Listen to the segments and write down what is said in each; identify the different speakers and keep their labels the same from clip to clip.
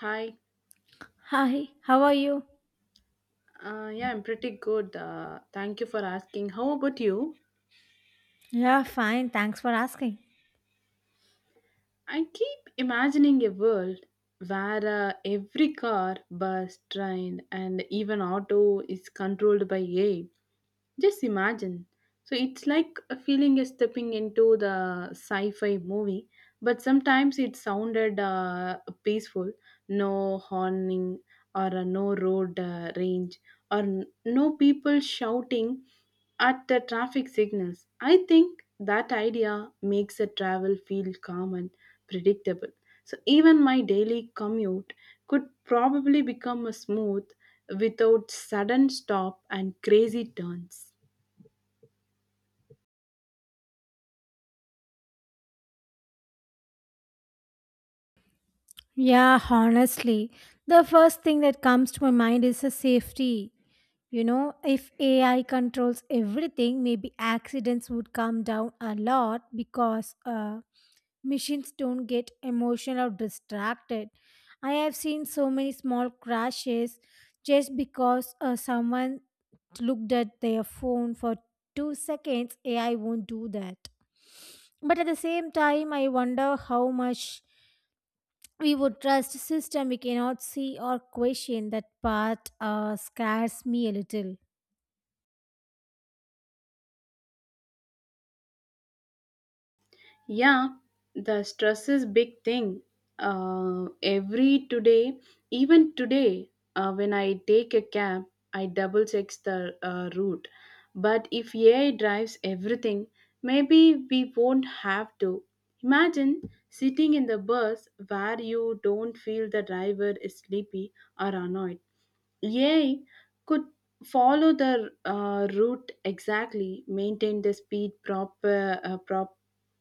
Speaker 1: Hi.
Speaker 2: Hi, how are you?
Speaker 1: Yeah, I'm pretty good. Thank you for asking. How about you?
Speaker 2: Yeah, fine. Thanks for asking.
Speaker 1: I keep imagining a world where every car, bus, train, and even auto is controlled by AI. Just imagine. So it's like a feeling is stepping into the sci-fi movie, but sometimes it sounded peaceful, no horning or no road range or no people shouting at the traffic signals. I think that idea makes a travel feel calm and predictable. So even my daily commute could probably become a smooth without sudden stop and crazy turns.
Speaker 2: Yeah, honestly, the first thing that comes to my mind is the safety. You know, if AI controls everything, maybe accidents would come down a lot because machines don't get emotional or distracted. I have seen so many small crashes just because someone looked at their phone for 2 seconds. AI won't do that. But at the same time, I wonder how much we would trust system we cannot see or question. That part scares me a little.
Speaker 1: Yeah, the stress is big thing. Uh, every today, Even today, when I take a cab, I double checks the route. But if AI drives everything, maybe we won't have to. Imagine sitting in the bus where you don't feel the driver is sleepy or annoyed. AI could follow the route exactly, maintain the speed proper,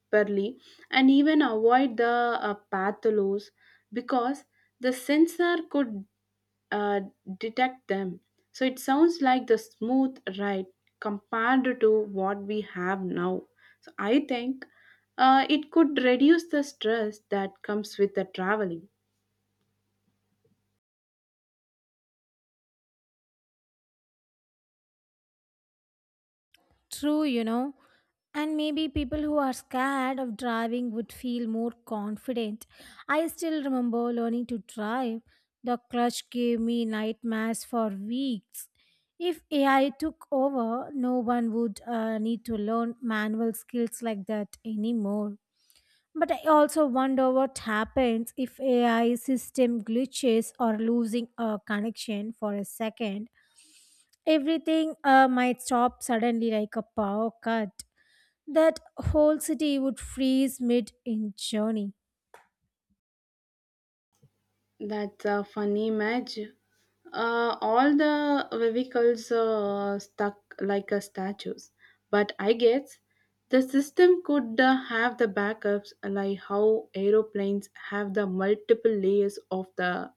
Speaker 1: properly, and even avoid the patholos because the sensor could uh, detect them. So it sounds like the smooth ride compared to what we have now. So I think it could reduce the stress that comes with the traveling.
Speaker 2: True, you know. And maybe people who are scared of driving would feel more confident. I still remember learning to drive. The clutch gave me nightmares for weeks. If AI took over, no one would need to learn manual skills like that anymore. But I also wonder what happens if AI system glitches or losing a connection for a second. Everything might stop suddenly like a power cut. That whole city would freeze mid in journey.
Speaker 1: That's a funny image. All the vehicles stuck like a statues. But I guess the system could have the backups, like how aeroplanes have the multiple layers of the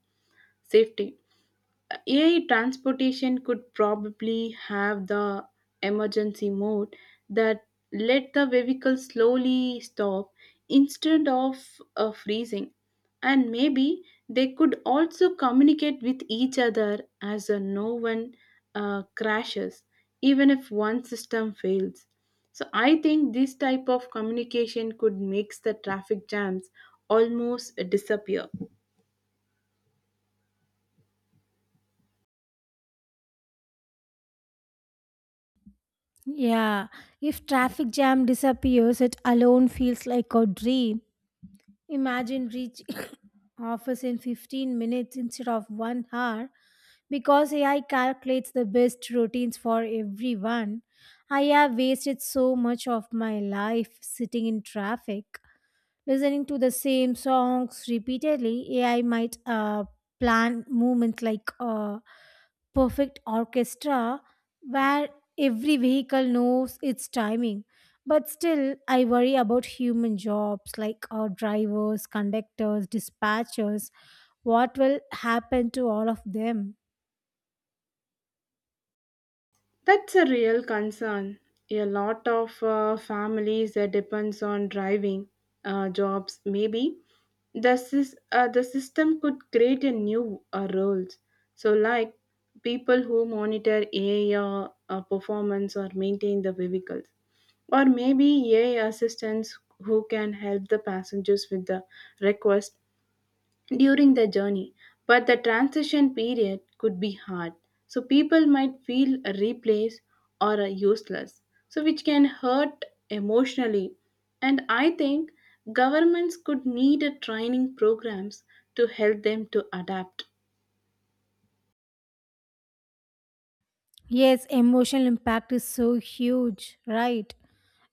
Speaker 1: safety. AI transportation could probably have the emergency mode that let the vehicle slowly stop instead of freezing. And maybe they could also communicate with each other as no one crashes, even if one system fails. So I think this type of communication could make the traffic jams almost disappear.
Speaker 2: Yeah, if traffic jam disappears, it alone feels like a dream. Imagine reaching office in 15 minutes instead of one hour because AI calculates the best routines for everyone. I have wasted so much of my life sitting in traffic, listening to the same songs repeatedly. AI might plan movements like perfect orchestra where every vehicle knows its timing. But still, I worry about human jobs like our drivers, conductors, dispatchers. What will happen to all of them?
Speaker 1: That's a real concern. A lot of families that depends on driving jobs. Maybe the system could create a new roles. So like people who monitor AI performance or maintain the vehicles, or maybe AI assistants who can help the passengers with the request during the journey, but the transition period could be hard. So people might feel replaced or useless, so which can hurt emotionally. And I think governments could need a training programs to help them to adapt.
Speaker 2: Yes, emotional impact is so huge, right?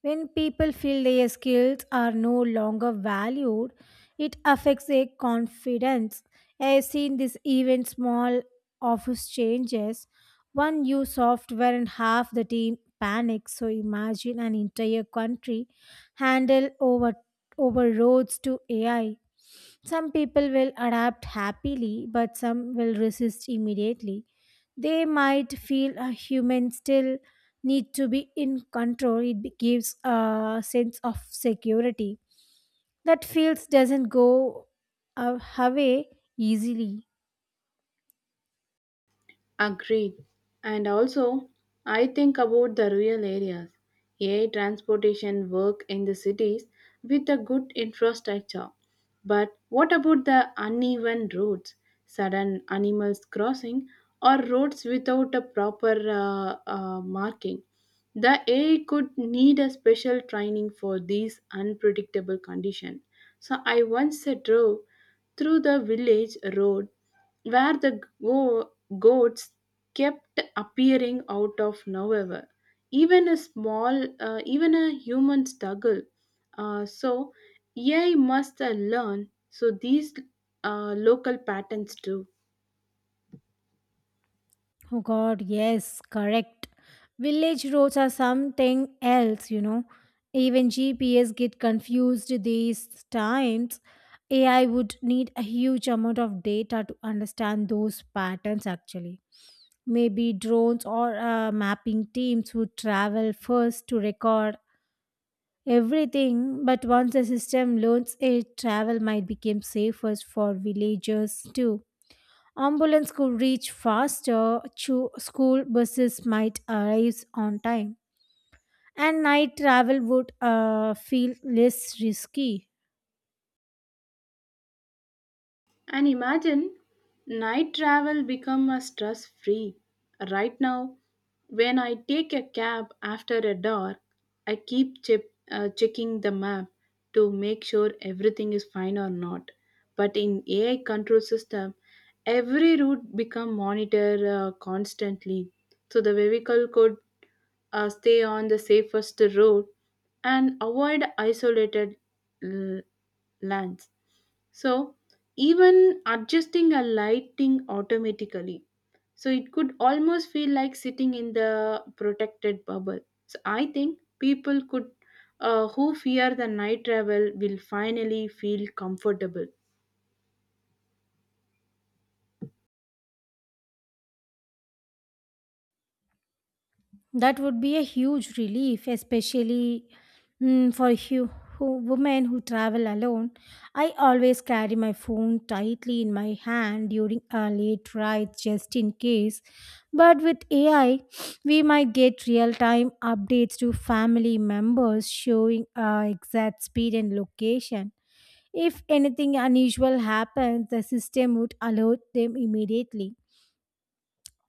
Speaker 2: When people feel their skills are no longer valued, it affects their confidence. I have seen this even small office changes. One new software and half the team panics. So imagine an entire country handle over roads to AI. Some people will adapt happily, but some will resist immediately. They might feel a human still need to be in control. Gives a sense of security that feels doesn't go away easily.
Speaker 1: Agreed. And also, I think about the rural areas. AI transportation work in the cities with a good infrastructure. But what about the uneven roads, sudden animals crossing, or roads without a proper marking? The AI could need a special training for these unpredictable conditions. So I once drove through the village road where the goats kept appearing out of nowhere. Even a human struggle. So AI must learn. So these local patterns too.
Speaker 2: Oh God, yes, correct. Village roads are something else, you know. Even GPS get confused these times. AI would need a huge amount of data to understand those patterns actually. Maybe drones or mapping teams would travel first to record everything, but once the system learns it, travel might become safer for villagers too. Ambulance could reach faster, school buses might arrive on time, and night travel would feel less risky.
Speaker 1: And imagine night travel become a stress free. Right now, when I take a cab after a dark, I keep checking the map to make sure everything is fine or not. But in AI control system, every route become monitored constantly, so the vehicle could stay on the safest road, and avoid isolated l- lands. So, even adjusting a lighting automatically. So, it could almost feel like sitting in the protected bubble. So, I think people could who fear the night travel will finally feel comfortable.
Speaker 2: That would be a huge relief, especially for you, who, women who travel alone. I always carry my phone tightly in my hand during a late ride just in case. But with AI, we might get real time updates to family members showing our exact speed and location. If anything unusual happens, the system would alert them immediately.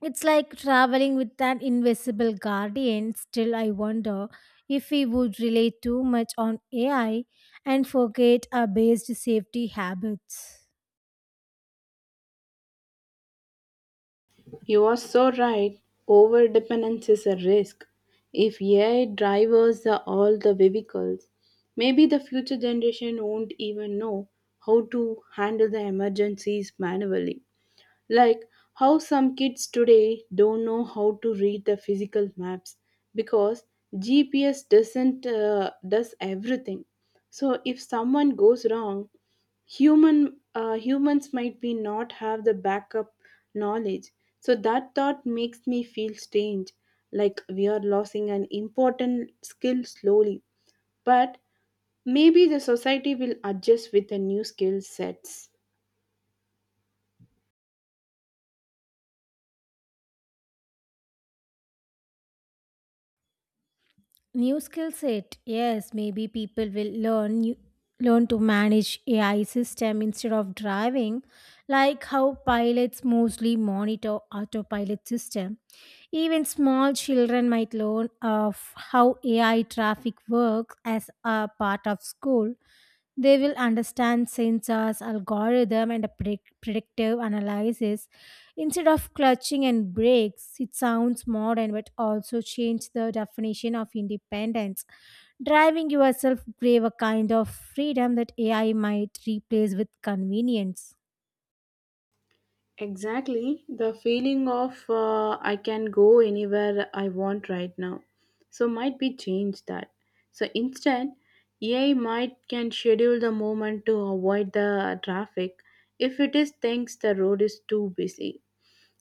Speaker 2: It's like traveling with an invisible guardian. Still, I wonder if we would rely too much on AI and forget our based safety habits.
Speaker 1: You are so right. Over dependence is a risk. If AI drivers are all the vehicles, maybe the future generation won't even know how to handle the emergencies manually. Like how some kids today don't know how to read the physical maps because GPS doesn't does everything. So if someone goes wrong, humans might be not have the backup knowledge. So that thought makes me feel strange, like we are losing an important skill slowly. But maybe the society will adjust with the new skill sets.
Speaker 2: New skill set. Yes, maybe people will learn to manage AI system instead of driving, like how pilots mostly monitor autopilot system. Even small children might learn of how AI traffic works as a part of school. They will understand sensors, algorithm, and a predictive analysis. Instead of clutching and breaks, it sounds modern but also change the definition of independence. Driving yourself gave a kind of freedom that AI might replace with convenience.
Speaker 1: Exactly, the feeling of I can go anywhere I want right now. So might be change that. So instead, AI might can schedule the moment to avoid the traffic if it is thinks the road is too busy.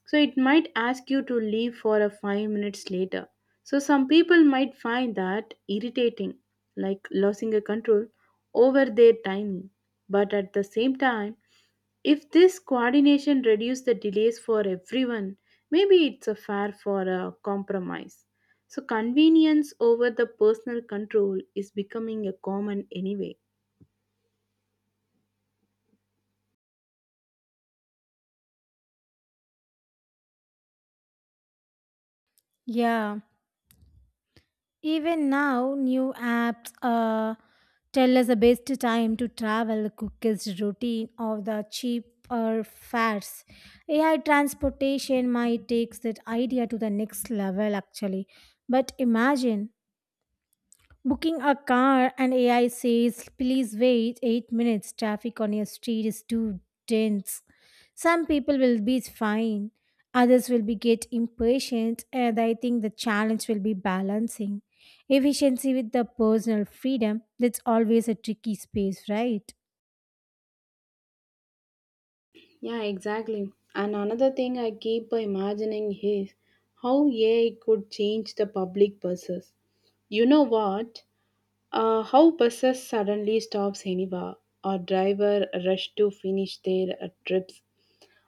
Speaker 1: So it might ask you to leave for a 5 minutes later. So some people might find that irritating, like losing a control over their timing. But at the same time, if this coordination reduces the delays for everyone, maybe it's a fair for a compromise. So convenience over the personal control is becoming a common anyway.
Speaker 2: Yeah. Even now, new apps tell us the best time to travel, the quickest routine, or the cheaper fares. AI transportation might take that idea to the next level, actually. But imagine booking a car and AI says, please wait 8 minutes, traffic on your street is too dense. Some people will be fine, others will be get impatient, and I think the challenge will be balancing efficiency with the personal freedom. That's always a tricky space, right?
Speaker 1: Yeah, exactly. And another thing I keep imagining is how AI could change the public buses. You know what? How buses suddenly stops anywhere or driver rush to finish their trips.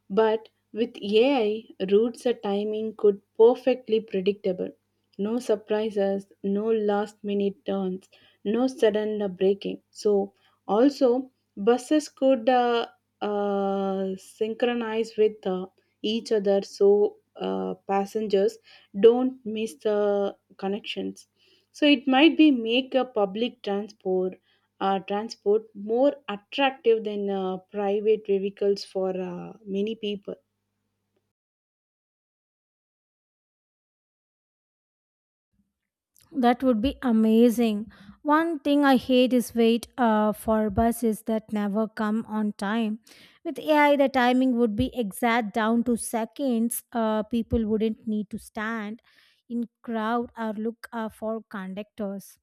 Speaker 1: But with AI, routes and timing could perfectly predictable. No surprises, no last minute turns, no sudden braking. So also buses could synchronize with each other so passengers don't miss the connections. So it might be make a public transport more attractive than private vehicles for many people.
Speaker 2: That would be amazing. One thing I hate is wait for buses that never come on time. With AI, the timing would be exact down to seconds. People wouldn't need to stand in crowd or look for conductors.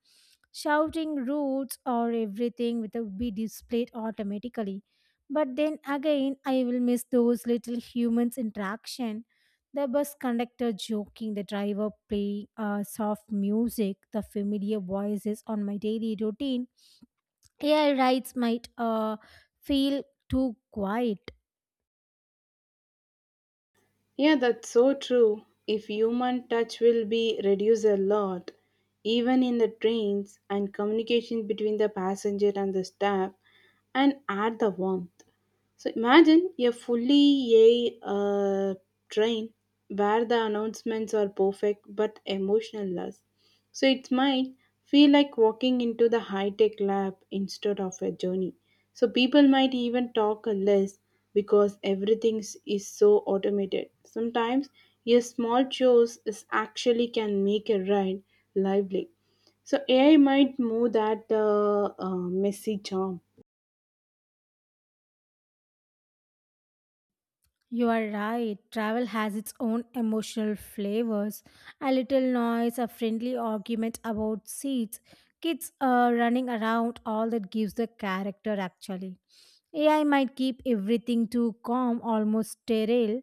Speaker 2: Shouting routes or would be displayed automatically. But then again, I will miss those little humans interaction, the bus conductor joking, the driver playing soft music, the familiar voices on my daily routine. AI rides might feel too quiet.
Speaker 1: Yeah, that's so true. If human touch will be reduced a lot, even in the trains and communication between the passenger and the staff, and add the warmth. So imagine a fully AI train where the announcements are perfect but emotionless. So it might feel like walking into the high tech lab instead of a journey. So people might even talk less because everything is so automated. Sometimes a small choice is actually can make a ride lively. So AI might move that messy charm.
Speaker 2: You are right. Travel has its own emotional flavors. A little noise, a friendly argument about seats, kids running around, all that gives the character actually. AI might keep everything too calm, almost sterile,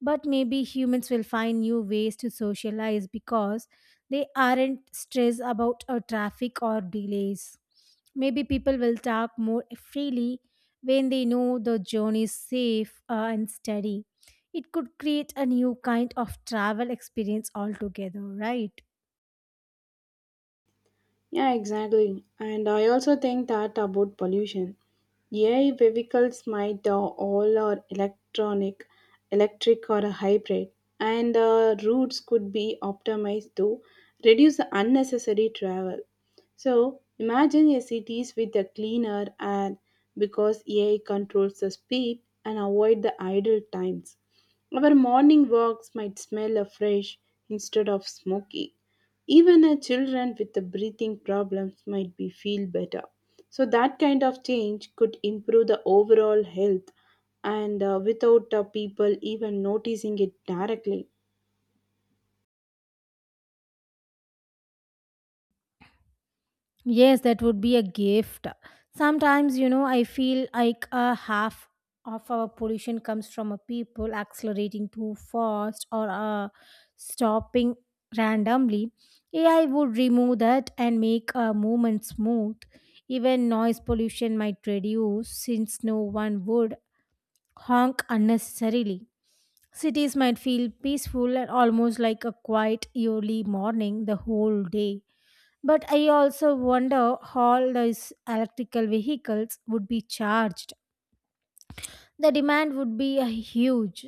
Speaker 2: but maybe humans will find new ways to socialize because they aren't stressed about traffic or delays. Maybe people will talk more freely when they know the journey is safe and steady. It could create a new kind of travel experience altogether, right?
Speaker 1: Yeah, exactly. And I also think that about pollution. AI vehicles might all are electric or a hybrid, and routes could be optimized to reduce the unnecessary travel. So imagine a cities with a cleaner air because AI controls the speed and avoid the idle times. Our morning walks might smell of fresh instead of smoky. Even a children with the breathing problems might be feel better. So that kind of change could improve the overall health and without people even noticing it directly.
Speaker 2: Yes, that would be a gift. Sometimes, you know, I feel like a half of our pollution comes from a people accelerating too fast or stopping randomly. AI would remove that and make a movement smooth. Even noise pollution might reduce since no one would honk unnecessarily. Cities might feel peaceful and almost like a quiet early morning the whole day. But I also wonder how these electrical vehicles would be charged. The demand would be huge.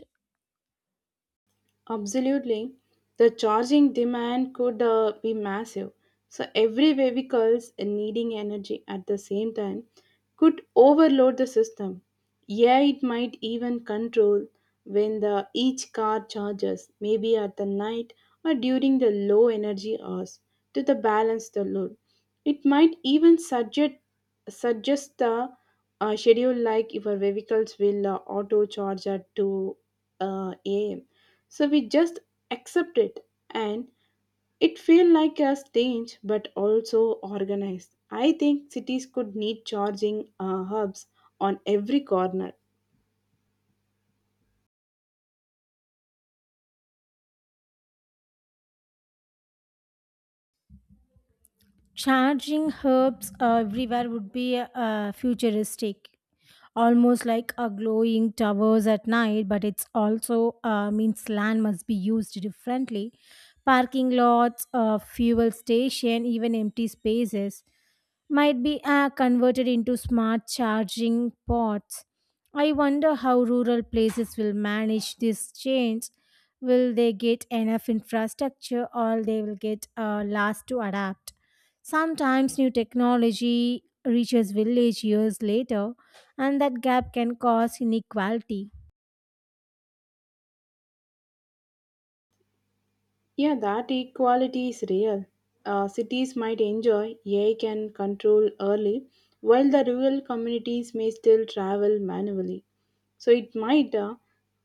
Speaker 1: Absolutely. The charging demand could be massive. So every vehicle's needing energy at the same time could overload the system. Yeah, it might even control when the each car charges, maybe at the night or during the low energy hours to the balance the load. It might even suggest the schedule, like if your vehicles will auto charge at 2 a.m., so we just accept it and it feel like a strange but also organized. I think cities could need charging hubs on every corner.
Speaker 2: Charging herbs everywhere would be futuristic, almost like a glowing towers at night. But it's also means land must be used differently. Parking lots, fuel station, even empty spaces might be converted into smart charging ports. I wonder how rural places will manage this change. Will they get enough infrastructure or they will get last to adapt? Sometimes new technology reaches village years later and that gap can cause inequality.
Speaker 1: Yeah, that equality is real. Cities might enjoy AI can control early, while the rural communities may still travel manually. So it might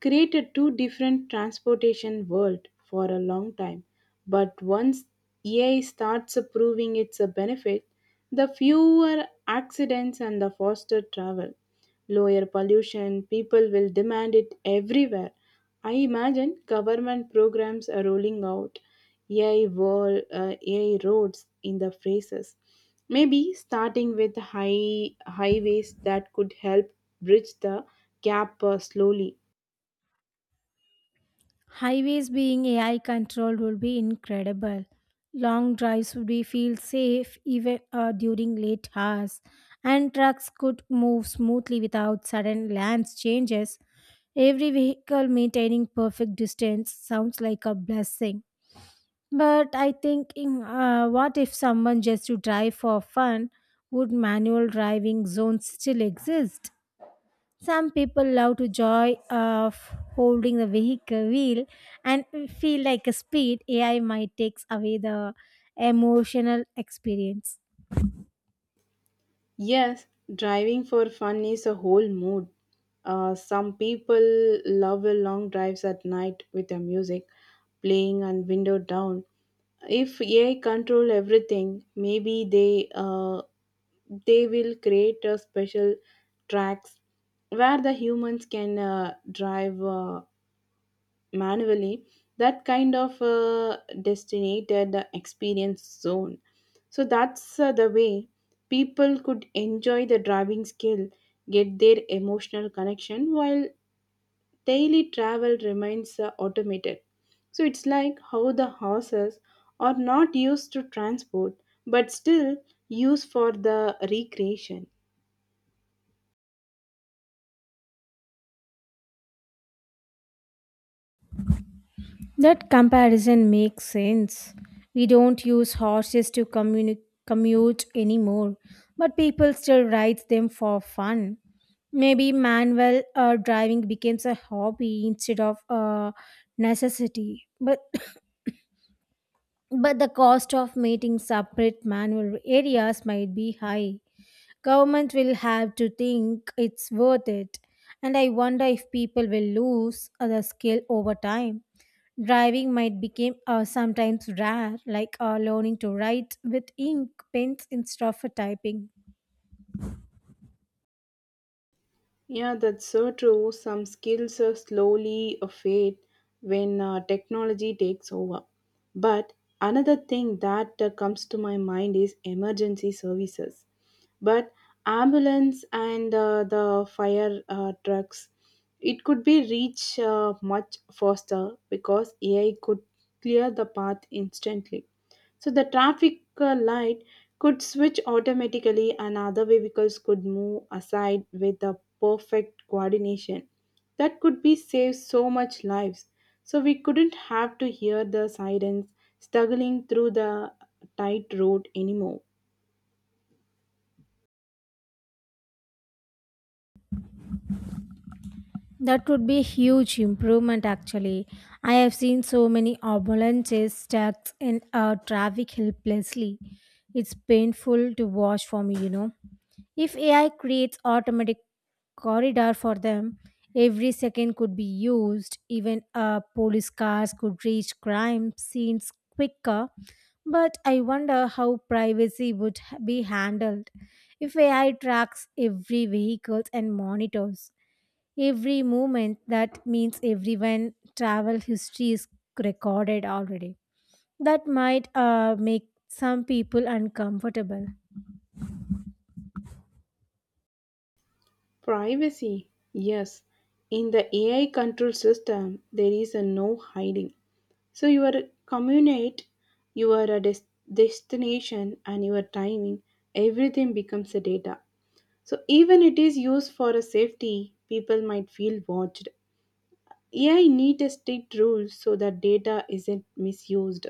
Speaker 1: create a two different transportation world for a long time. But once AI starts proving its a benefit, the fewer accidents and the faster travel, lower pollution, people will demand it everywhere. I imagine government programs are rolling out AI roads in the phases. Maybe starting with highways that could help bridge the gap slowly.
Speaker 2: Highways being AI controlled would be incredible. Long drives would be feel safe even during late hours, and trucks could move smoothly without sudden lane changes. Every vehicle maintaining perfect distance sounds like a blessing. But I think, what if someone just to drive for fun? Would manual driving zones still exist? Some people love to joy of holding the vehicle wheel and feel like a speed AI might takes away the emotional experience.
Speaker 1: Yes, driving for fun is a whole mood. Some people love a long drives at night with the music playing and window down. If AI control everything, maybe they will create a special tracks where the humans can drive manually, that kind of destinated the experience zone. So that's the way people could enjoy the driving skill, get their emotional connection while daily travel remains automated. So it's like how the horses are not used to transport but still used for the recreation.
Speaker 2: That comparison makes sense. We don't use horses to commute anymore, but people still ride them for fun. Maybe manual driving becomes a hobby instead of a necessity. But the cost of making separate manual areas might be high. Government will have to think it's worth it. And I wonder if people will lose the skill over time. Driving might become sometimes rare, like learning to write with ink pens instead of typing.
Speaker 1: Yeah, that's so true. Some skills are slowly fade when technology takes over. But another thing that comes to my mind is emergency services. But ambulance and the fire trucks, it could be reach much faster because AI could clear the path instantly. So the traffic light could switch automatically and other vehicles could move aside with the perfect coordination. That could be save so much lives. So we couldn't have to hear the sirens struggling through the tight road anymore.
Speaker 2: That would be a huge improvement actually. I have seen so many ambulances stuck in traffic helplessly. It's painful to watch for me, you know. If AI creates automatic corridor for them, every second could be used. Even police cars could reach crime scenes quicker. But I wonder how privacy would be handled if AI tracks every vehicle and monitors. Every movement, that means everyone travel history is recorded already. That might make some people uncomfortable.
Speaker 1: Privacy, yes. In the AI control system, there is a no hiding. So you are communicate your des- destination and your timing, everything becomes a data. So even it is used for a safety, people might feel watched. AI need a strict rules so that data isn't misused.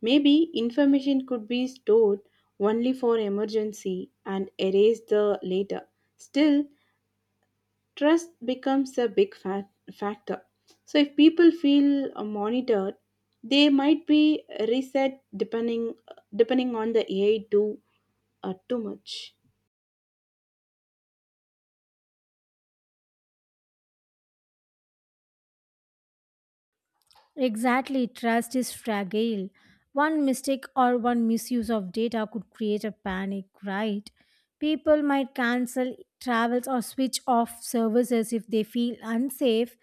Speaker 1: Maybe information could be stored only for emergency and erased the later. Still, trust becomes a factor. So, if people feel monitored, they might be reset depending on the AI too much.
Speaker 2: Exactly, trust is fragile. One mistake or one misuse of data could create a panic, right? People might cancel travels or switch off services if they feel unsafe.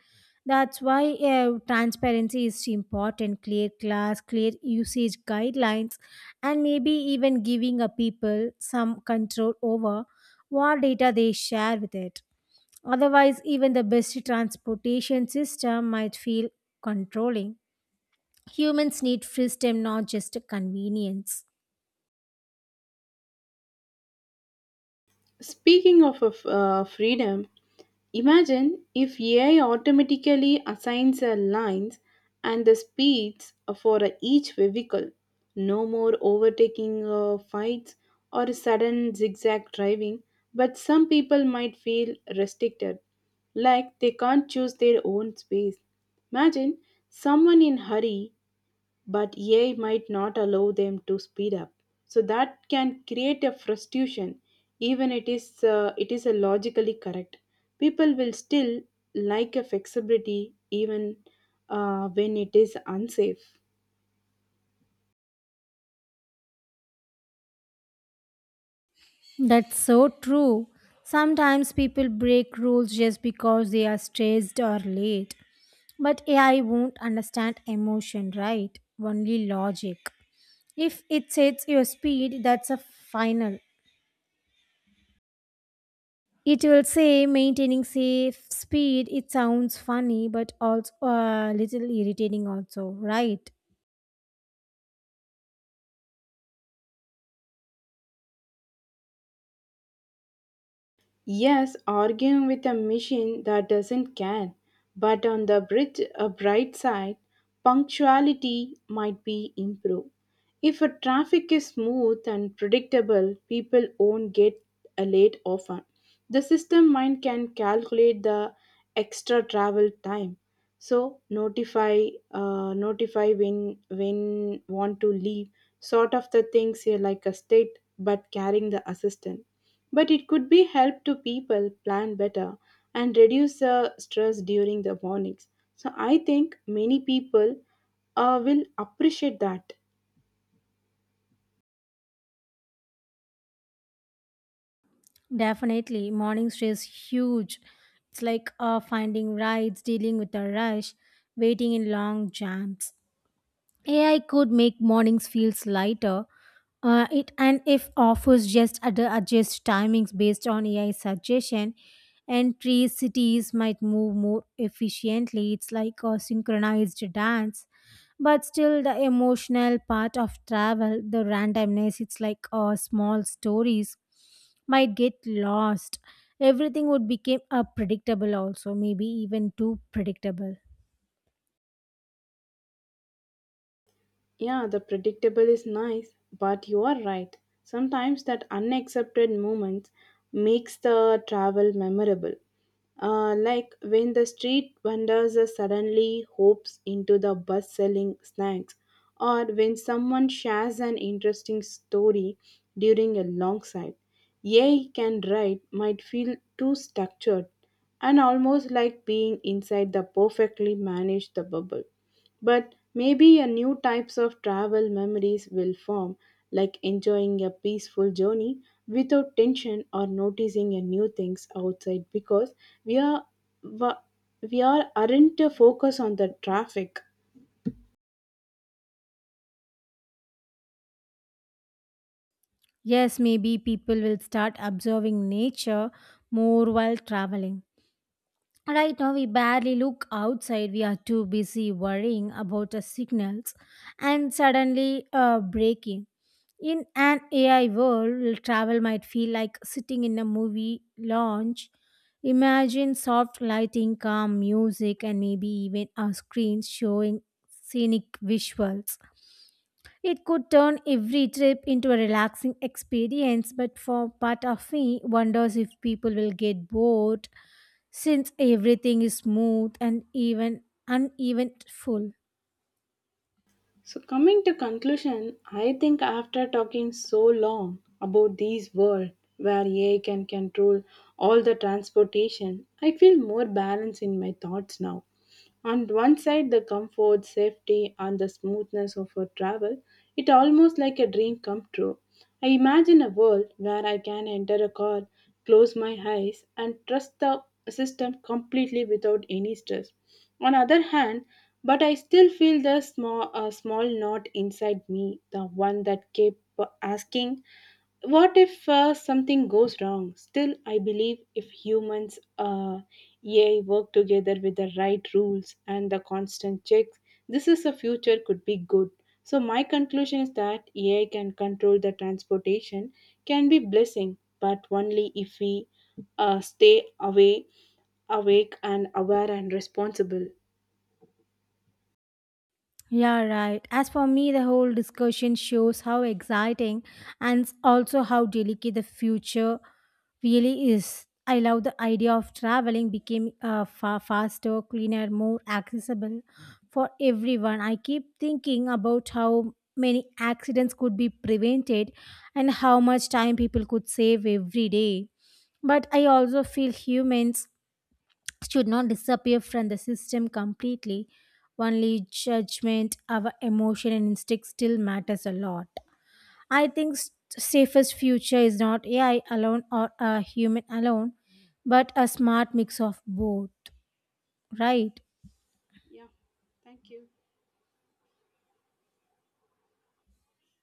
Speaker 2: That's why transparency is important, clear class, clear usage guidelines, and maybe even giving a people some control over what data they share with it. Otherwise, even the best transportation system might feel controlling. Humans need freedom, not just a convenience.
Speaker 1: Speaking of freedom, imagine if AI automatically assigns lines and the speeds for each vehicle. No more overtaking fights or sudden zigzag driving, but some people might feel restricted, like they can't choose their own space. Imagine someone in hurry but AI might not allow them to speed up. So that can create a frustration, even it is a logically correct. People will still like a flexibility even when it is unsafe.
Speaker 2: That's so true. Sometimes people break rules just because they are stressed or late. But AI won't understand emotion, right? Only logic. If it sets your speed, that's a final. It will say maintaining safe speed. It sounds funny, but also a little irritating, also, right?
Speaker 1: Yes, arguing with a machine that doesn't care. But on the bright side, punctuality might be improved. If a traffic is smooth and predictable, people won't get late often. The system mind can calculate the extra travel time. So notify when want to leave. Sort of the things here like a state, but carrying the assistant, but it could be help to people plan better and reduce the stress during the mornings, so I think many people will appreciate that.
Speaker 2: Definitely, morning stress huge. It's like finding rides, dealing with a rush, waiting in long jams. AI could make mornings feel lighter. It and if offers just adjust timings based on AI suggestion, and three cities might move more efficiently. It's like a synchronized dance, but still the emotional part of travel, the randomness. It's like small stories might get lost. Everything would become a predictable also, maybe even too predictable.
Speaker 1: Yeah, the predictable is nice, but you are right. Sometimes that unaccepted moments makes the travel memorable. Like when the street vendors are suddenly hopes into the bus selling snacks, or when someone shares an interesting story during a long side. Yay can write might feel too structured and almost like being inside the perfectly managed the bubble. But maybe a new types of travel memories will form, like enjoying a peaceful journey without tension or noticing a new things outside because we are wa- we are aren't focused on the traffic.
Speaker 2: Yes, maybe people will start observing nature more while traveling. Right now, we barely look outside. We are too busy worrying about the signals and suddenly breaking. In an AI world, travel might feel like sitting in a movie lounge. Imagine soft lighting, calm music, and maybe even a screen showing scenic visuals. It could turn every trip into a relaxing experience, but for part of me wonders if people will get bored since everything is smooth and even uneven full.
Speaker 1: So coming to conclusion, I think after talking so long about these world where AI can control all the transportation, I feel more balance in my thoughts now. On one side, the comfort, safety, and the smoothness of her travel, it almost like a dream come true. I imagine a world where I can enter a car, close my eyes, and trust the system completely without any stress. On other hand, but I still feel the small knot inside me, the one that kept asking what if something goes wrong? Still, I believe if AI work together with the right rules and the constant checks, this is a future could be good. So my conclusion is that AI can control the transportation can be blessing, but only if we stay awake and aware and responsible.
Speaker 2: Yeah, right. As for me, the whole discussion shows how exciting and also how delicate the future really is. I love the idea of traveling became far faster, cleaner, more accessible for everyone. I keep thinking about how many accidents could be prevented and how much time people could save every day. But I also feel humans should not disappear from the system completely. Only judgment, our emotion and instinct still matters a lot. I think safest future is not AI alone or a human alone, but a smart mix of both, right?
Speaker 1: Yeah, thank you.